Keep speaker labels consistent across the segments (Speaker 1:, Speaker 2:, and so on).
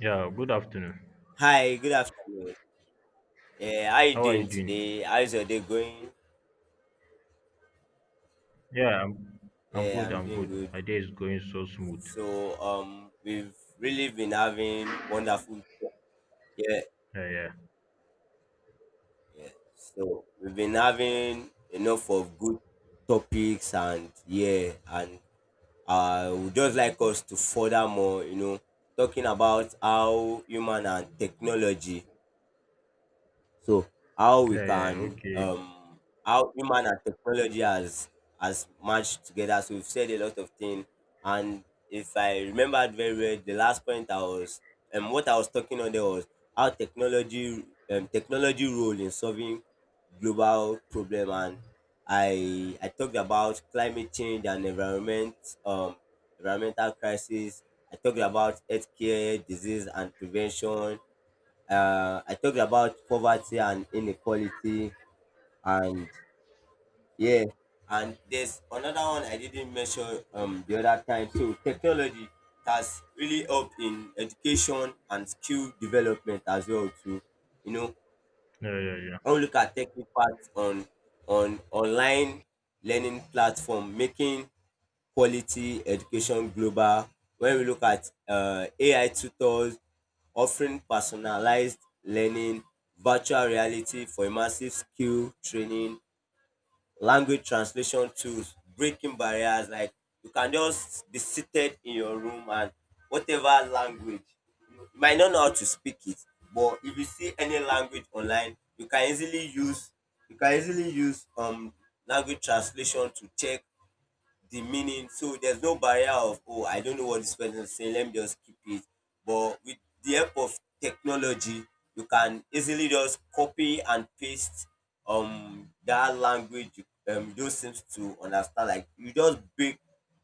Speaker 1: Yeah, good afternoon.
Speaker 2: Hi, good afternoon. How you
Speaker 1: How are you
Speaker 2: doing
Speaker 1: doing?
Speaker 2: today? How's your day going?
Speaker 1: Yeah, I'm I'm
Speaker 2: Yeah,
Speaker 1: good,
Speaker 2: I'm
Speaker 1: I'm
Speaker 2: doing
Speaker 1: good.
Speaker 2: good.
Speaker 1: My day is going so smooth.
Speaker 2: We've really been having wonderful. Yeah,
Speaker 1: Yeah, yeah.
Speaker 2: yeah. So we've been having enough of good topics and yeah, and I would just like us to further more. You know, talking about how human and technology. So how we
Speaker 1: Yeah, yeah, yeah,
Speaker 2: can
Speaker 1: okay.
Speaker 2: how human and technology has matched together. So we've said a lot of things. And if I remembered very well, the last point I was what I was talking on there was how technology, technology role in solving global problem, and I talked about climate change and environment, um environmental crisis. I talked about healthcare, disease and prevention. I talked about poverty and inequality, and yeah, and there's another one I didn't mention the other time. So technology has really helped in education and skill development as well too. You know,
Speaker 1: Yeah, yeah, yeah.
Speaker 2: when we look at tech impact on online learning platform, making quality education global, when we look at ai tutors offering personalized learning, virtual reality for immersive skill training, language translation tools breaking barriers. Like you can just be seated in your room, and whatever language you might not know how to speak it, but if you see any language online you can easily use, you can easily use language translation to check the meaning. So there's no barrier of, oh, I don't know what this person is saying, let me just keep it. But with the help of technology, you can easily just copy and paste that language, those seems to understand. Like you just break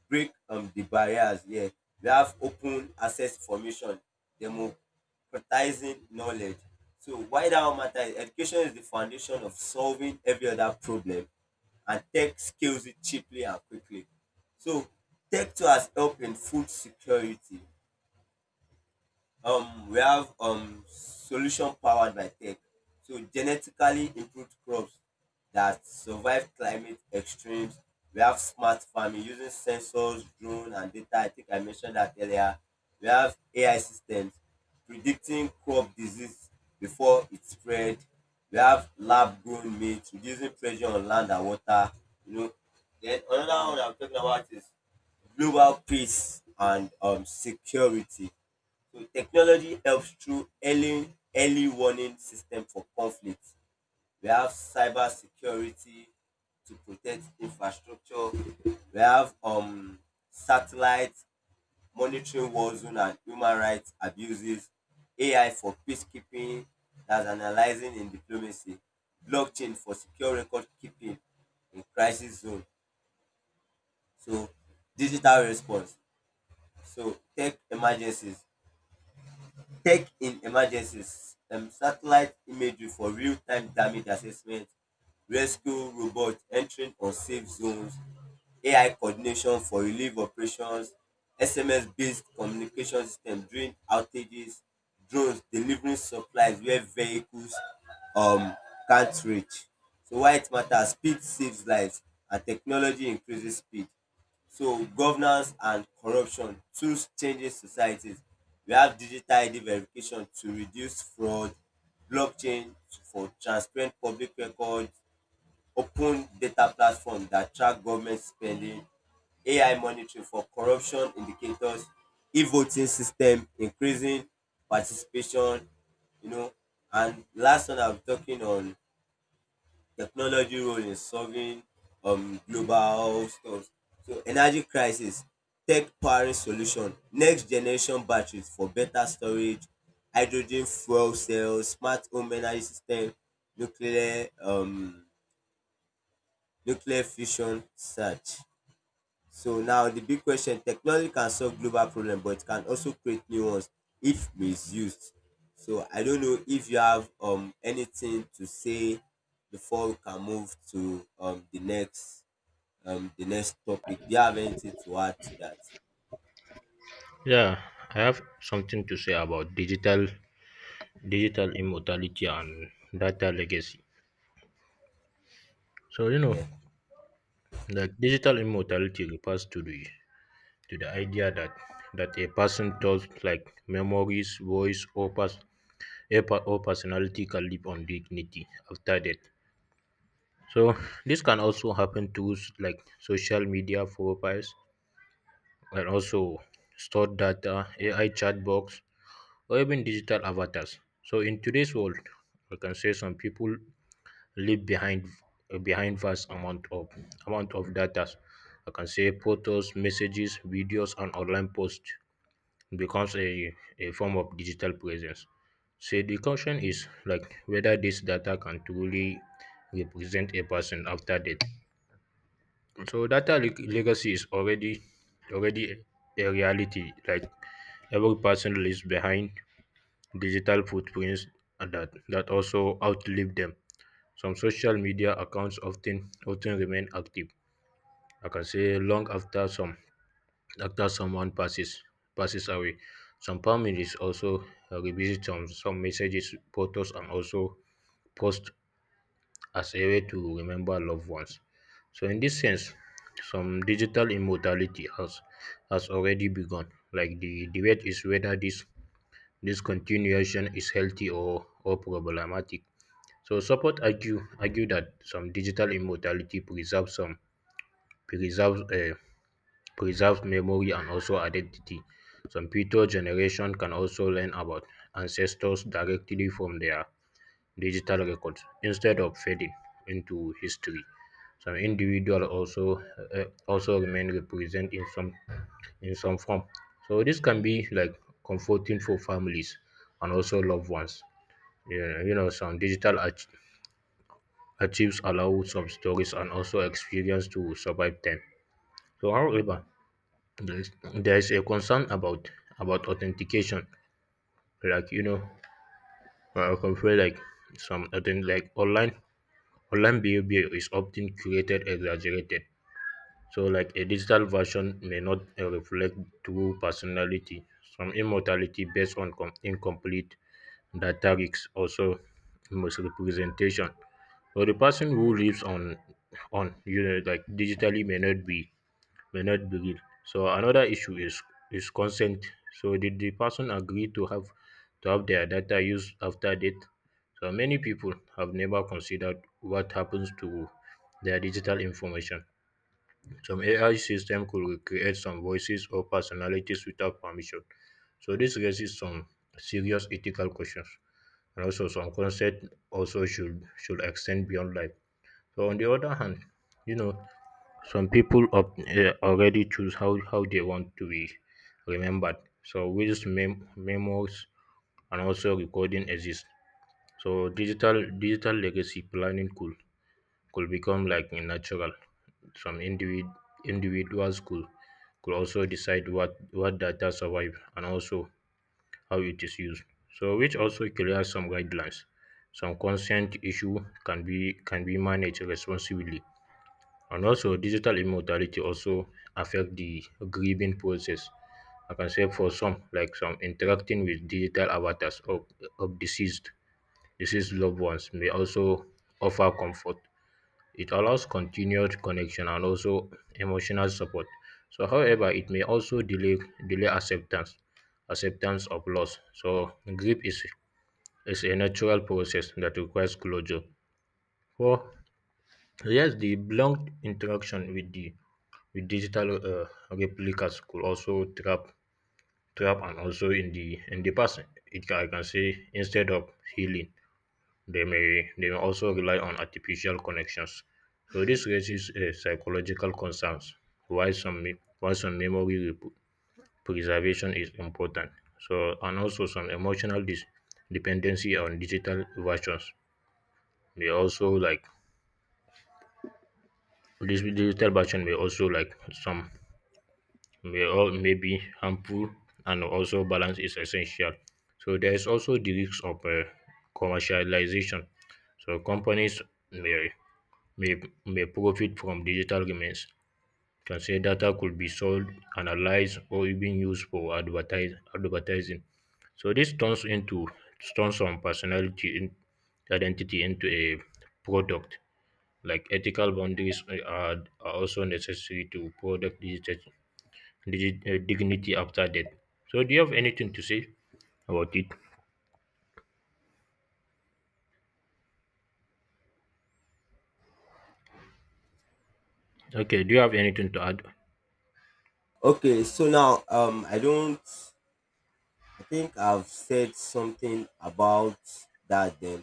Speaker 2: break um the barriers. Yeah, we have open access information, democratizing knowledge. So why that matter is, education is the foundation of solving every other problem, and tech scales it cheaply and quickly. So tech too has helped in food security. We have solution powered by tech. So genetically improved crops that survive climate extremes. We have smart farming using sensors, drone, and data. I think I mentioned that earlier. We have AI systems predicting crop disease before it spread. We have lab grown meat reducing pressure on land and water. You know, then another one I'm talking about is global peace and security. So technology helps through early warning system for conflict. We have cyber security to protect infrastructure. We have satellite monitoring war zone and human rights abuses. AI for peacekeeping that's analyzing in diplomacy. Blockchain for secure record keeping in crisis zone. So digital response. So tech in emergencies, satellite imagery for real time damage assessment, rescue robot entering unsafe zones, AI coordination for relief operations, SMS based communication system during outages, drones delivering supplies where vehicles um can't reach. So why it matters? Speed saves lives, and technology increases speed. So governance and corruption tools changing societies. We have digital ID verification to reduce fraud, blockchain for transparent public records, open data platform that track government spending, AI monitoring for corruption indicators, e-voting system increasing participation, you know. And last one I'm talking on, technology role in solving global stuff. So energy crisis, tech powering solution, next generation batteries for better storage, hydrogen fuel cells, smart home energy system, nuclear um, nuclear fusion search. So now the big question, technology can solve global problems, but it can also create new ones if misused. So I don't know if you have anything to say before we can move to the next topic. Do you have anything to add to that?
Speaker 1: Yeah, I have something to say about digital immortality and data legacy. So, you know,
Speaker 2: Yeah.
Speaker 1: like digital immortality refers to the idea that a person thoughts, like memories, voice, or personality can live on dignity after death. So this can also happen to like social media profiles and also stored data, AI chat box, or even digital avatars. So in today's world, I can say some people leave behind behind vast amount of data. I can say photos, messages, videos, and online posts becomes a form of digital presence. So the question is like whether this data can truly represent a person after death. So data legacy is already a reality. Like every person leaves behind digital footprints and that also outlive them. Some social media accounts often remain active. I can say long after someone passes away. Some families also revisit some messages, photos, and also post as a way to remember loved ones. So, in this sense, some digital immortality has already begun. Like the debate is whether this continuation is healthy or problematic. So support argue that some digital immortality preserves some preserves preserves memory and also identity. Some future generation can also learn about ancestors directly from their digital records instead of fading into history. Some individuals also also remain represented in some form. So this can be like comforting for families and also loved ones. Yeah, you know, some archives allow some stories and also experience to survive time. So however, there is a concern about authentication. Like you know, I can feel like some authentic, like online Online behavior is often curated exaggerated, so like a digital version may not reflect true personality. Some immortality based on incomplete data risks also misrepresentation. So the person who lives on you know like digitally may not be real. So another issue is consent. So did the person agree to have their data used after death? So many people have never considered what happens to their digital information. Some AI system could recreate some voices or personalities without permission. So this raises some serious ethical questions and also some consent also should extend beyond life. So on the other hand, you know, some people already choose how they want to be remembered so ways memos and also recording exist so digital legacy planning could become like a natural some individ- individuals could also decide what data survive and also how it is used so which also creates some guidelines some consent issue can be managed responsibly and also digital immortality also affect the grieving process. I can say for some, like some interacting with digital avatars of deceased loved ones may also offer comfort. It allows continued connection and also emotional support. So however, it may also delay acceptance of loss. So grief is a natural process that requires closure. For yes, the prolonged interaction with the digital replicas could also trap and also in the past it can, I can say instead of healing they may also rely on artificial connections. So this raises psychological concerns why some memory preservation is important. So and also some dependency on digital versions may also like this digital version may also like some may or may be harmful and also balance is essential. So there is also the risk of commercialization. So companies may, may may profit from digital remains. Can say data could be sold, analyzed, or even used for advertising. So this turns some identity into a product. Like ethical boundaries are also necessary to product digitization dignity after death. So, do you have anything to say about it? Okay, do you have anything to add?
Speaker 2: Okay, so now I don't, I think I've said something about that then.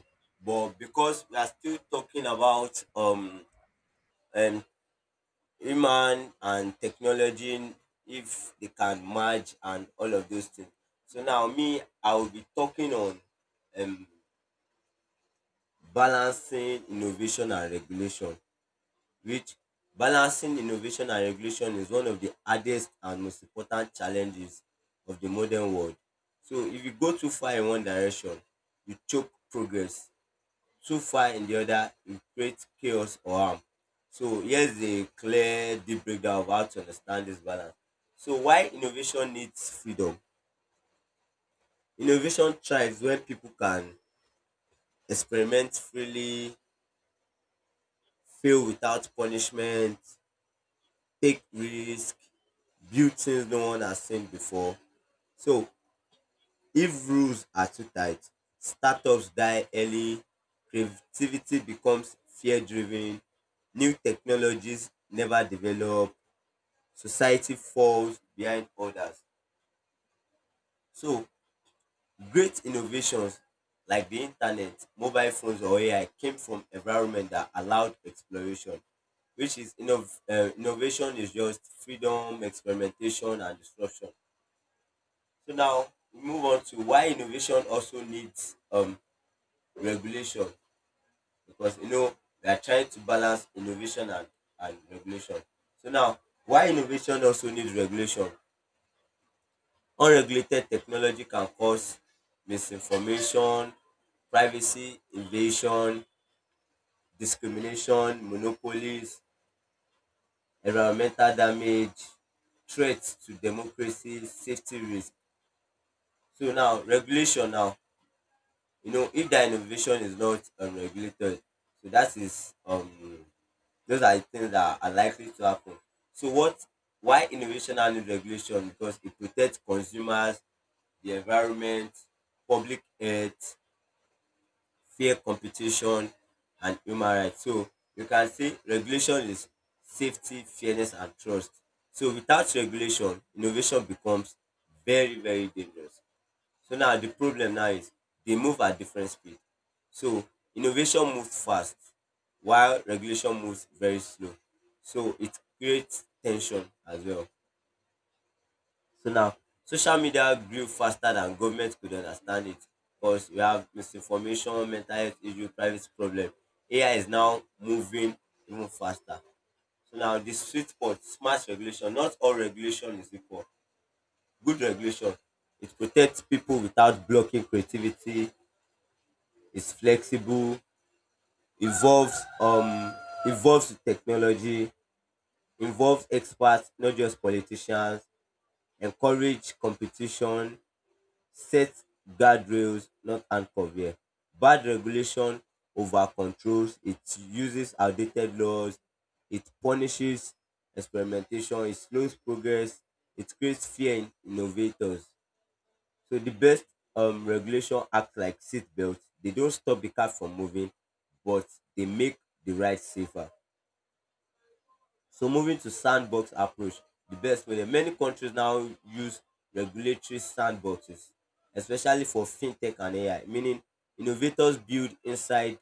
Speaker 2: But because we are still talking about um human and technology, if they can merge and all of those things. So now me, I will be talking on um, balancing innovation and regulation, which, balancing innovation and regulation is one of the hardest and most important challenges of the modern world. So if you go too far in one direction, you choke progress. Too far in the other, it creates chaos or harm. So here's a clear deep breakdown of how to understand this balance. So why innovation needs freedom? Innovation thrives when people can experiment freely, fail without punishment, take risk, build things no one has seen before. So if rules are too tight, startups die early, creativity becomes fear driven, new technologies never develop, society falls behind others. So great innovations like the internet, mobile phones, or AI came from environment that allowed exploration, which is innovation is just freedom, experimentation, and disruption. So now we move on to why innovation also needs regulation, because you know we are trying to balance innovation and regulation. So now, why innovation also needs regulation? Unregulated technology can cause misinformation, privacy invasion, discrimination, monopolies, environmental damage, threats to democracy, safety risk. So now regulation now, you know, if the innovation is not regulated, so that is those are the things that are likely to happen. So what, why innovation and need regulation? Because it protects consumers, the environment, public health, fair competition and human rights. So you can say regulation is safety, fairness and trust. So without regulation, innovation becomes very, very dangerous. So now the problem now is, they move at different speed. So innovation moves fast while regulation moves very slow. So it creates tension as well. So now, social media grew faster than government could understand it, because we have misinformation, mental health issue, privacy problem. AI is now moving even faster. So now, the sweet spot, smart regulation. Not all regulation is equal. Good regulation, it protects people without blocking creativity. It's flexible, involves um, involves with technology, involves experts, not just politicians. Encourage competition, set guardrails, not handcuff here. Bad regulation over controls. It uses outdated laws. It punishes experimentation. It slows progress. It creates fear in innovators. So the best regulation act like seatbelt. They don't stop the car from moving, but they make the ride safer. So moving to sandbox approach, the best way. Many countries now use regulatory sandboxes, especially for fintech and AI, meaning innovators build inside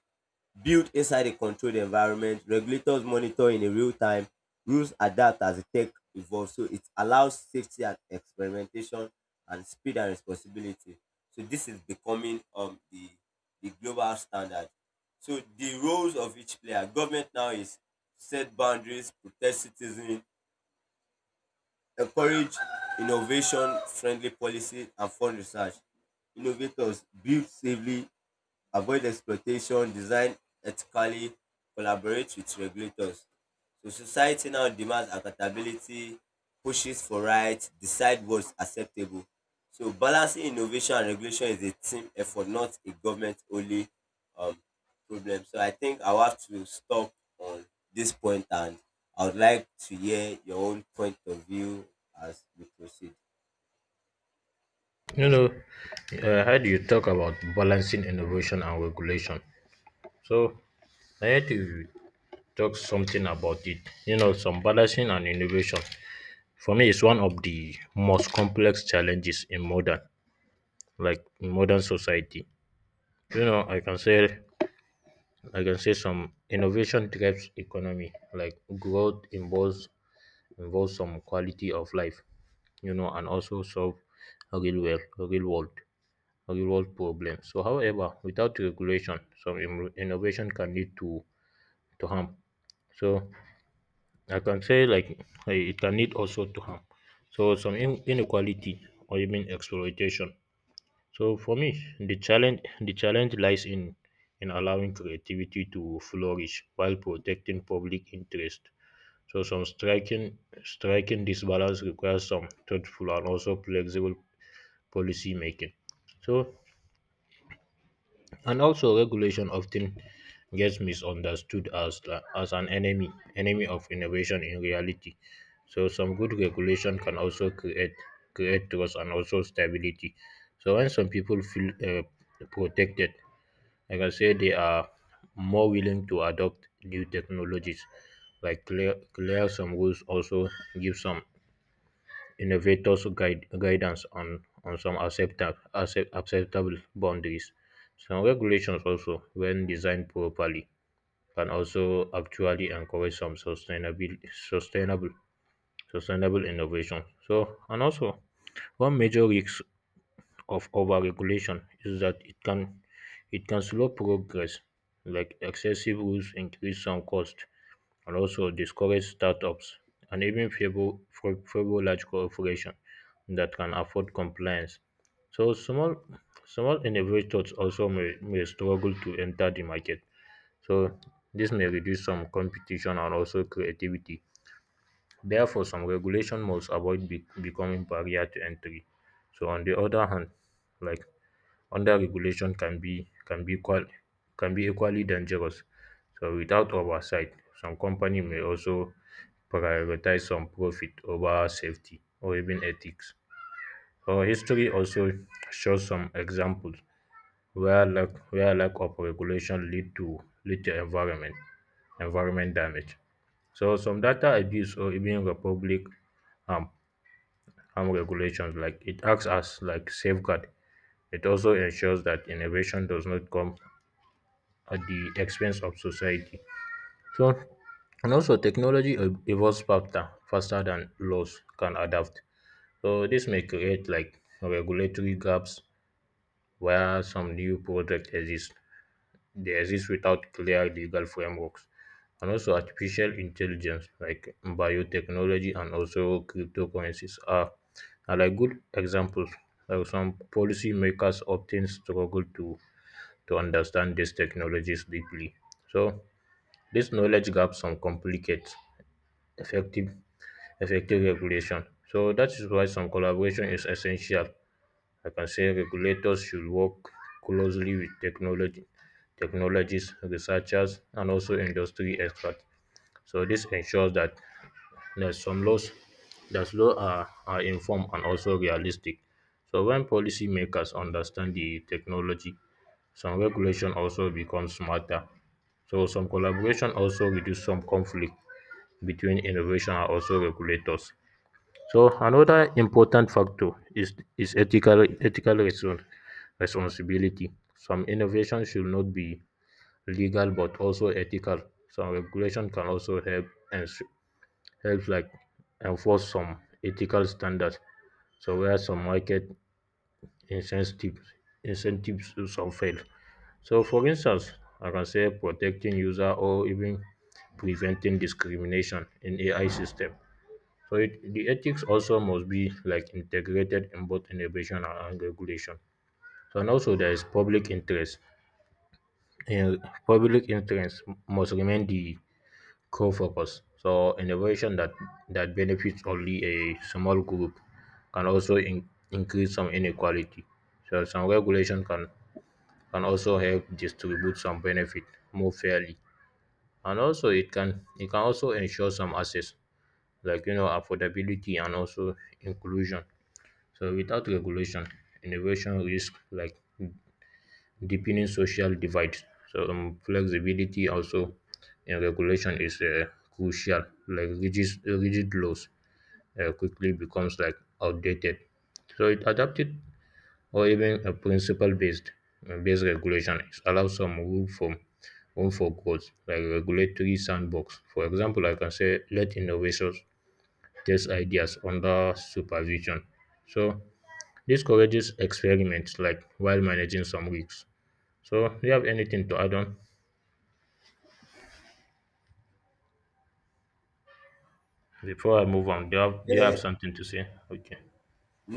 Speaker 2: Built inside a controlled environment, regulators monitor in a real time, rules adapt as the tech evolves. So it allows safety and experimentation, and speed and responsibility. So this is becoming the global standard. So the roles of each player, government now is set boundaries, protect citizens, encourage innovation, friendly policy and fund research. Innovators build safely, avoid exploitation, design ethically, collaborate with regulators. So society now demands accountability, pushes for rights, decide what's acceptable. So balancing innovation and regulation is a team effort, not a government only um, problem. So I think I'll have to stop on this point, and I would like to hear your own point of view as we proceed.
Speaker 1: No, no. How do you talk about balancing innovation and regulation? So, I had to talk something about it. You know, some balancing and innovation. For me, it's one of the most complex challenges like in modern society. You know, I can say some innovation drives economy, like growth involves some quality of life you know and also solve real world real world real world problems so however without regulation some innovation can lead to harm so I can say like it can lead also to harm so some inequality or even exploitation so for me the challenge lies in allowing creativity to flourish while protecting public interest so some striking this balance requires some thoughtful and also flexible policy making. So, and also regulation often gets misunderstood as as an enemy of innovation in reality. So, some good regulation can also create trust and also stability. So, when some people feel protected, like I can say they are more willing to adopt new technologies. Like clear some rules also give some innovators guidance on some acceptable boundaries. Some regulations also, when designed properly, can also actually encourage some sustainable sustainable innovation. So and also one major risk of overregulation is that it can slow progress, like excessive rules increase some cost, and also discourage startups and even favor large corporations that can afford compliance. So small innovators also may struggle to enter the market. So this may reduce some competition and also creativity. Therefore, some regulation must avoid becoming barrier to entry. So on the other hand, like under-regulation can be equally dangerous. So without oversight, some company may also prioritize some profit over safety or even ethics. Our history also shows some examples where lack of regulation lead to environment damage. So some data abuse or even republic harm harm regulations like it acts as like safeguard. It also ensures that innovation does not come at the expense of society. So and also technology evolves faster than laws can adapt. So this may create like regulatory gaps where some new projects exist. They exist without clear legal frameworks. And also artificial intelligence like biotechnology and also cryptocurrencies are like good examples. Like some policymakers often struggle to understand these technologies deeply. So this knowledge gaps some complicate effective effective regulation. So that is why some collaboration is essential. I can say regulators should work closely with technology technologists, researchers, and also industry experts. So this ensures that there's some laws that laws are informed and also realistic. So when policymakers understand the technology, some regulation also becomes smarter. So some collaboration also reduce some conflict between innovation and also regulators. So another important factor is ethical responsibility. Some innovation should not be legal but also ethical. Some regulation can also and help like enforce some ethical standards. So where some market incentives incentives some fail. So for instance, I can say protecting user or even preventing discrimination in AI system. So it, the ethics also must be like integrated in both innovation and regulation. So and also there is public interest. In public interest must remain the core focus. So innovation that benefits only a small group can also increase some inequality. So some regulation can also help distribute some benefit more fairly. And also it can also ensure some access like you know affordability and also inclusion. So without regulation, innovation risk like deepening social divides. So flexibility also in regulation is crucial. Like rigid laws quickly becomes like outdated. So it adapted or even a principle based regulation it allows some room for growth, like regulatory sandbox. For example, I can say let innovators test ideas under supervision. So this courageous experiments like while managing some risks. So, do you have anything to add on before I move on? Do you
Speaker 2: Uh,
Speaker 1: have something to say? Okay,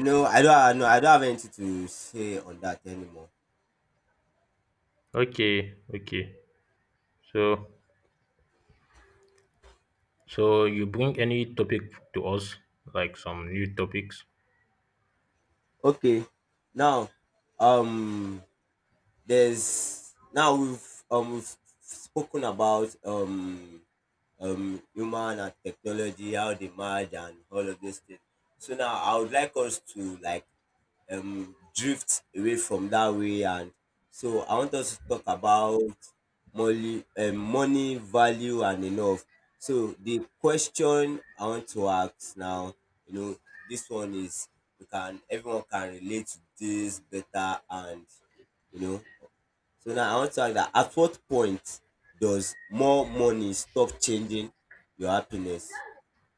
Speaker 2: no, I don't. No, I don't have anything to say on that anymore.
Speaker 1: okay, okay. So, so you bring any topic to us, like some new topics?
Speaker 2: Okay. Now, um, there's now, we've spoken about human and technology, how they merge and all of these things. So now I would like us to like drift away from that way. And so I want us to talk about money, money value, and enough. So the question I want to ask now, you know, this one is, we can everyone can relate to this better, and you know, so now I want to ask that, at what point does more money stop changing your happiness?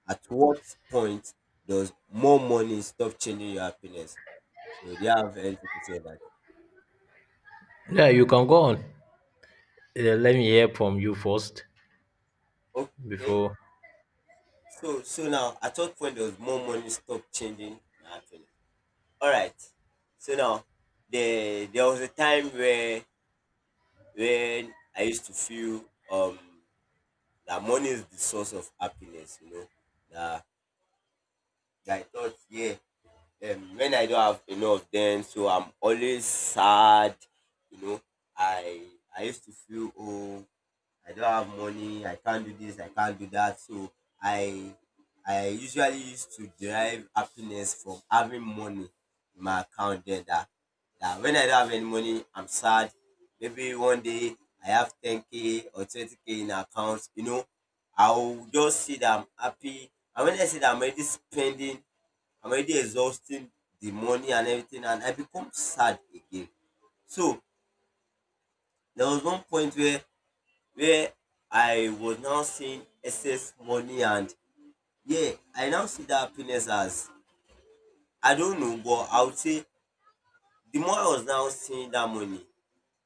Speaker 2: At what point does more money stop changing your happiness? So do you have anything to say about it?
Speaker 1: Yeah, you can go on. Yeah, let me hear from you first
Speaker 2: Okay.
Speaker 1: before.
Speaker 2: So so now, at what point does more money stop changing my feeling? Alright. So now there was a time where, when I used to feel um that money is the source of happiness, you know. That, that I thought, yeah, when I don't have enough then, so I'm always sad, you know. I I used to feel, oh, I don't have money, I can't do this, I can't do that. So I I usually used to derive happiness from having money in my account there, that, that when I don't have any money, I'm sad. Maybe one day I have 10K or 20K in account, you know, I'll just see that I'm happy. And when I see that I'm already spending, I'm already exhausting the money and everything, and I become sad again. So there was one point where I was now seeing excess money, and yeah, I now see that happiness as, I don't know, but I would say, the more I was now seeing that money,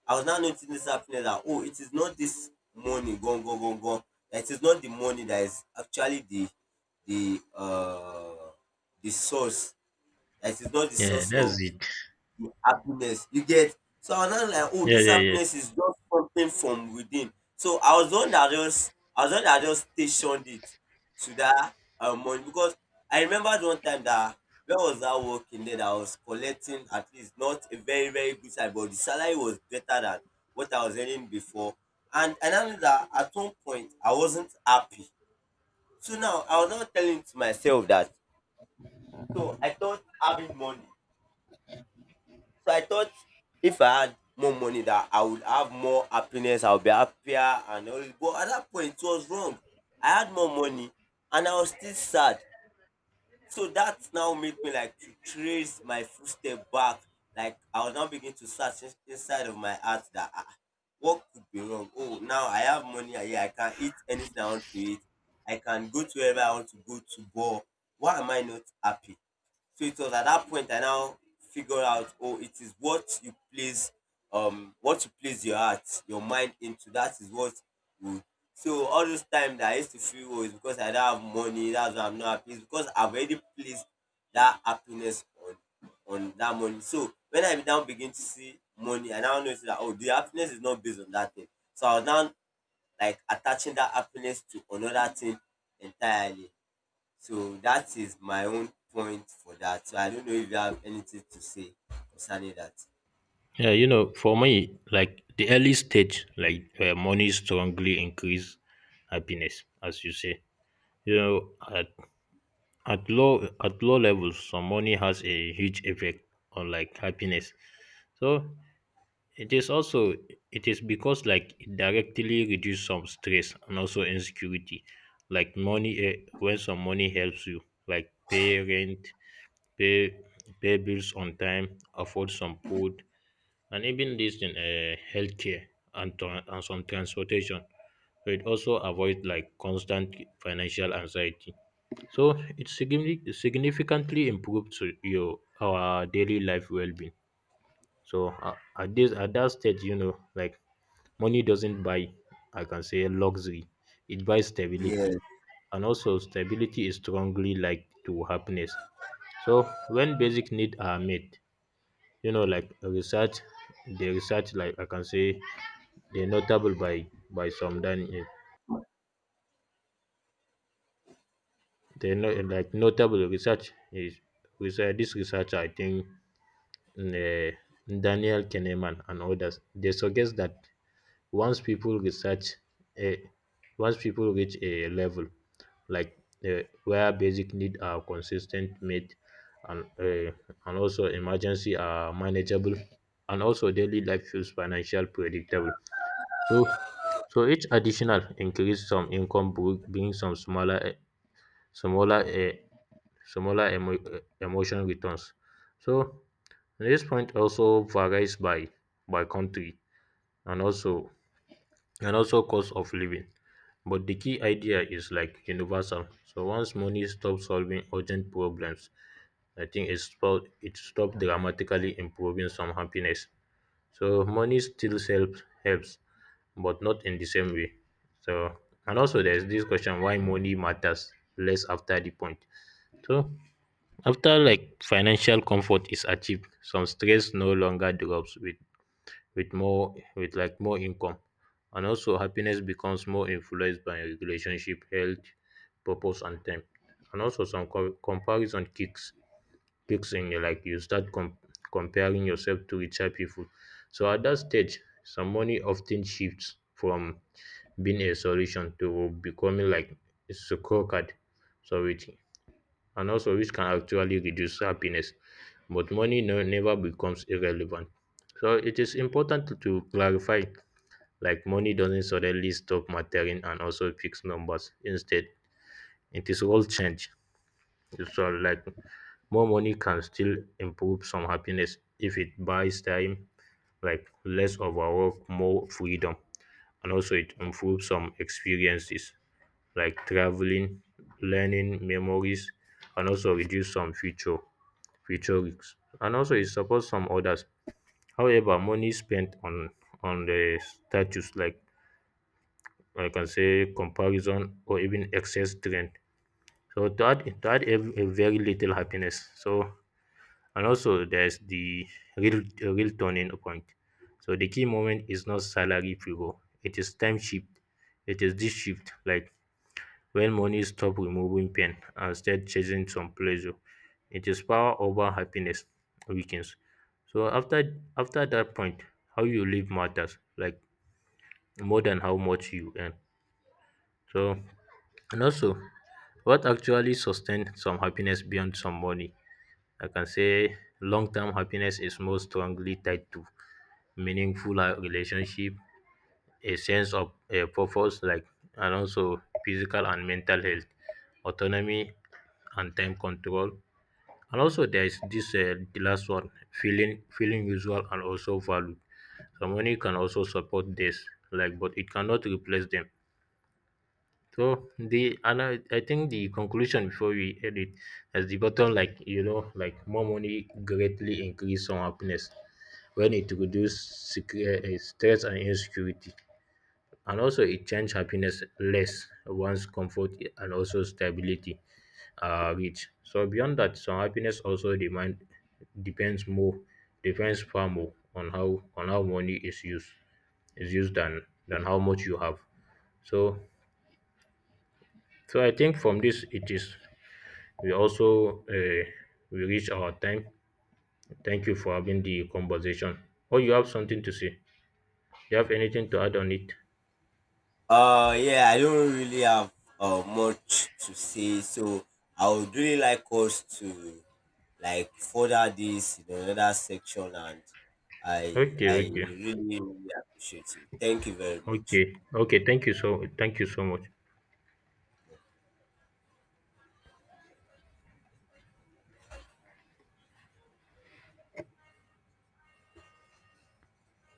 Speaker 2: I was now noticing this happiness that, oh, it is not this money, gone, gone, gone, gone. It is not the money that is actually the, the uh the source. That is not the
Speaker 1: Yeah,
Speaker 2: source of
Speaker 1: that's it.
Speaker 2: the happiness you get. So I was now like, oh,
Speaker 1: Yeah,
Speaker 2: this
Speaker 1: yeah, yeah.
Speaker 2: happiness is just something from within. So I was the one that just, I was the one that just stationed it to that, money. Because I remembered one time that, where was I working there, that I was collecting at least not a very very good salary, but the salary was better than what I was earning before. And I knew that at one point I wasn't happy. So now I was not telling to myself that, so I thought having money, so I thought if I had more money that I would have more happiness, I would be happier and all. But at that point it was wrong. I had more money and I was still sad. So that now made me like to trace my footstep back. Like I was now beginning to search inside of my heart that, ah, what could be wrong? Oh, now I have money. Ah, yeah, I can eat anything I want to eat. I can go to wherever I want to go to. But why am I not happy? So it was at that point I now figure out, oh, it is what you place your heart, your mind into. That is what will. So all this time that I used to feel, oh, it's because I don't have money, that's why I'm not happy. It's because I've already placed that happiness on that money. So when I now begin to see money, I now notice that, oh, the happiness is not based on that thing. So I was now like attaching that happiness to another thing entirely. So that is my own point for that. So I don't know if you have anything to say concerning that.
Speaker 1: Yeah, you know, for me, like the early stage, like money strongly increase happiness, as you say. You know, at low levels some money has a huge effect on like happiness, so it is also it is because like it directly reduce some stress and also insecurity. Like money when some money helps you like pay rent, pay pay bills on time, afford some food, and even this in healthcare, and some transportation, so it also avoid like constant financial anxiety. So significantly improved to your our daily life well-being. So at that stage, you know, like money doesn't buy, I can say, luxury. It buys stability,
Speaker 2: Yes.
Speaker 1: and also stability is strongly linked to happiness. So when basic needs are met, you know, like research, the research, like I can say, they're notable by some than they're not like notable research is research. This research, I think, eh, Daniel Kahneman and others, they suggest that once people research a once people reach a level, like, where basic needs are consistent met, and eh, and also emergency are manageable, and also daily life feels financial predictable. So each additional increase some income bring some smaller smaller similar emotional returns. So this point also varies by country and also cost of living. But the key idea is like universal. So once money stops solving urgent problems, I think it stopped dramatically improving some happiness. So money still helps, but not in the same way. So and also there's this question: why money matters less after the point? So after like financial comfort is achieved, some stress no longer drops with more with like more income, and also happiness becomes more influenced by relationship, health, purpose and time. And also some comparison kicks in. You like you start comparing yourself to richer people. So at that stage, some money often shifts from being a solution to becoming like a scorecard. So it and also which can actually reduce happiness, but money no, never becomes irrelevant. So it is important to clarify, like money doesn't suddenly stop mattering and also fix numbers instead. It is all change. So like more money can still improve some happiness if it buys time, like less overwork, more freedom, and also it improves some experiences like traveling, learning, memories, and also reduce some future risks. And also it supports some others. However, money spent on the status, like I can say comparison or even excess trend, so that have a very little happiness. So and also there's the real turning point. So the key moment is not salary figure. It is time shift. It is this shift, like when money stops removing pain and starts chasing some pleasure, its power over happiness weakens. So after that point, how you live matters like more than how much you earn. So and also, what actually sustains some happiness beyond some money? I can say long term happiness is more strongly tied to meaningful relationship, a sense of a purpose, like, and also physical and mental health, autonomy and time control, and also there is this the last one, feeling usual and also valued. So money can also support this like, but it cannot replace them. So the and I think the conclusion, before we end it, as the bottom, like, you know, like more money greatly increase some happiness when it reduces stress and insecurity, and also it change happiness less once comfort and also stability are reach. So beyond that, some happiness also demand depends more depends far more on how money is used than how much you have. So I think from this, it is, we also we reach our time. Thank you for having the conversation. Oh, you have something to say? You have anything to add on it?
Speaker 2: Yeah, I don't really have much to say. So I would really like us to like further this in another section, and I
Speaker 1: Okay,
Speaker 2: I
Speaker 1: okay.
Speaker 2: really, really appreciate you. Thank you very much.
Speaker 1: Okay. Okay. Thank you so much.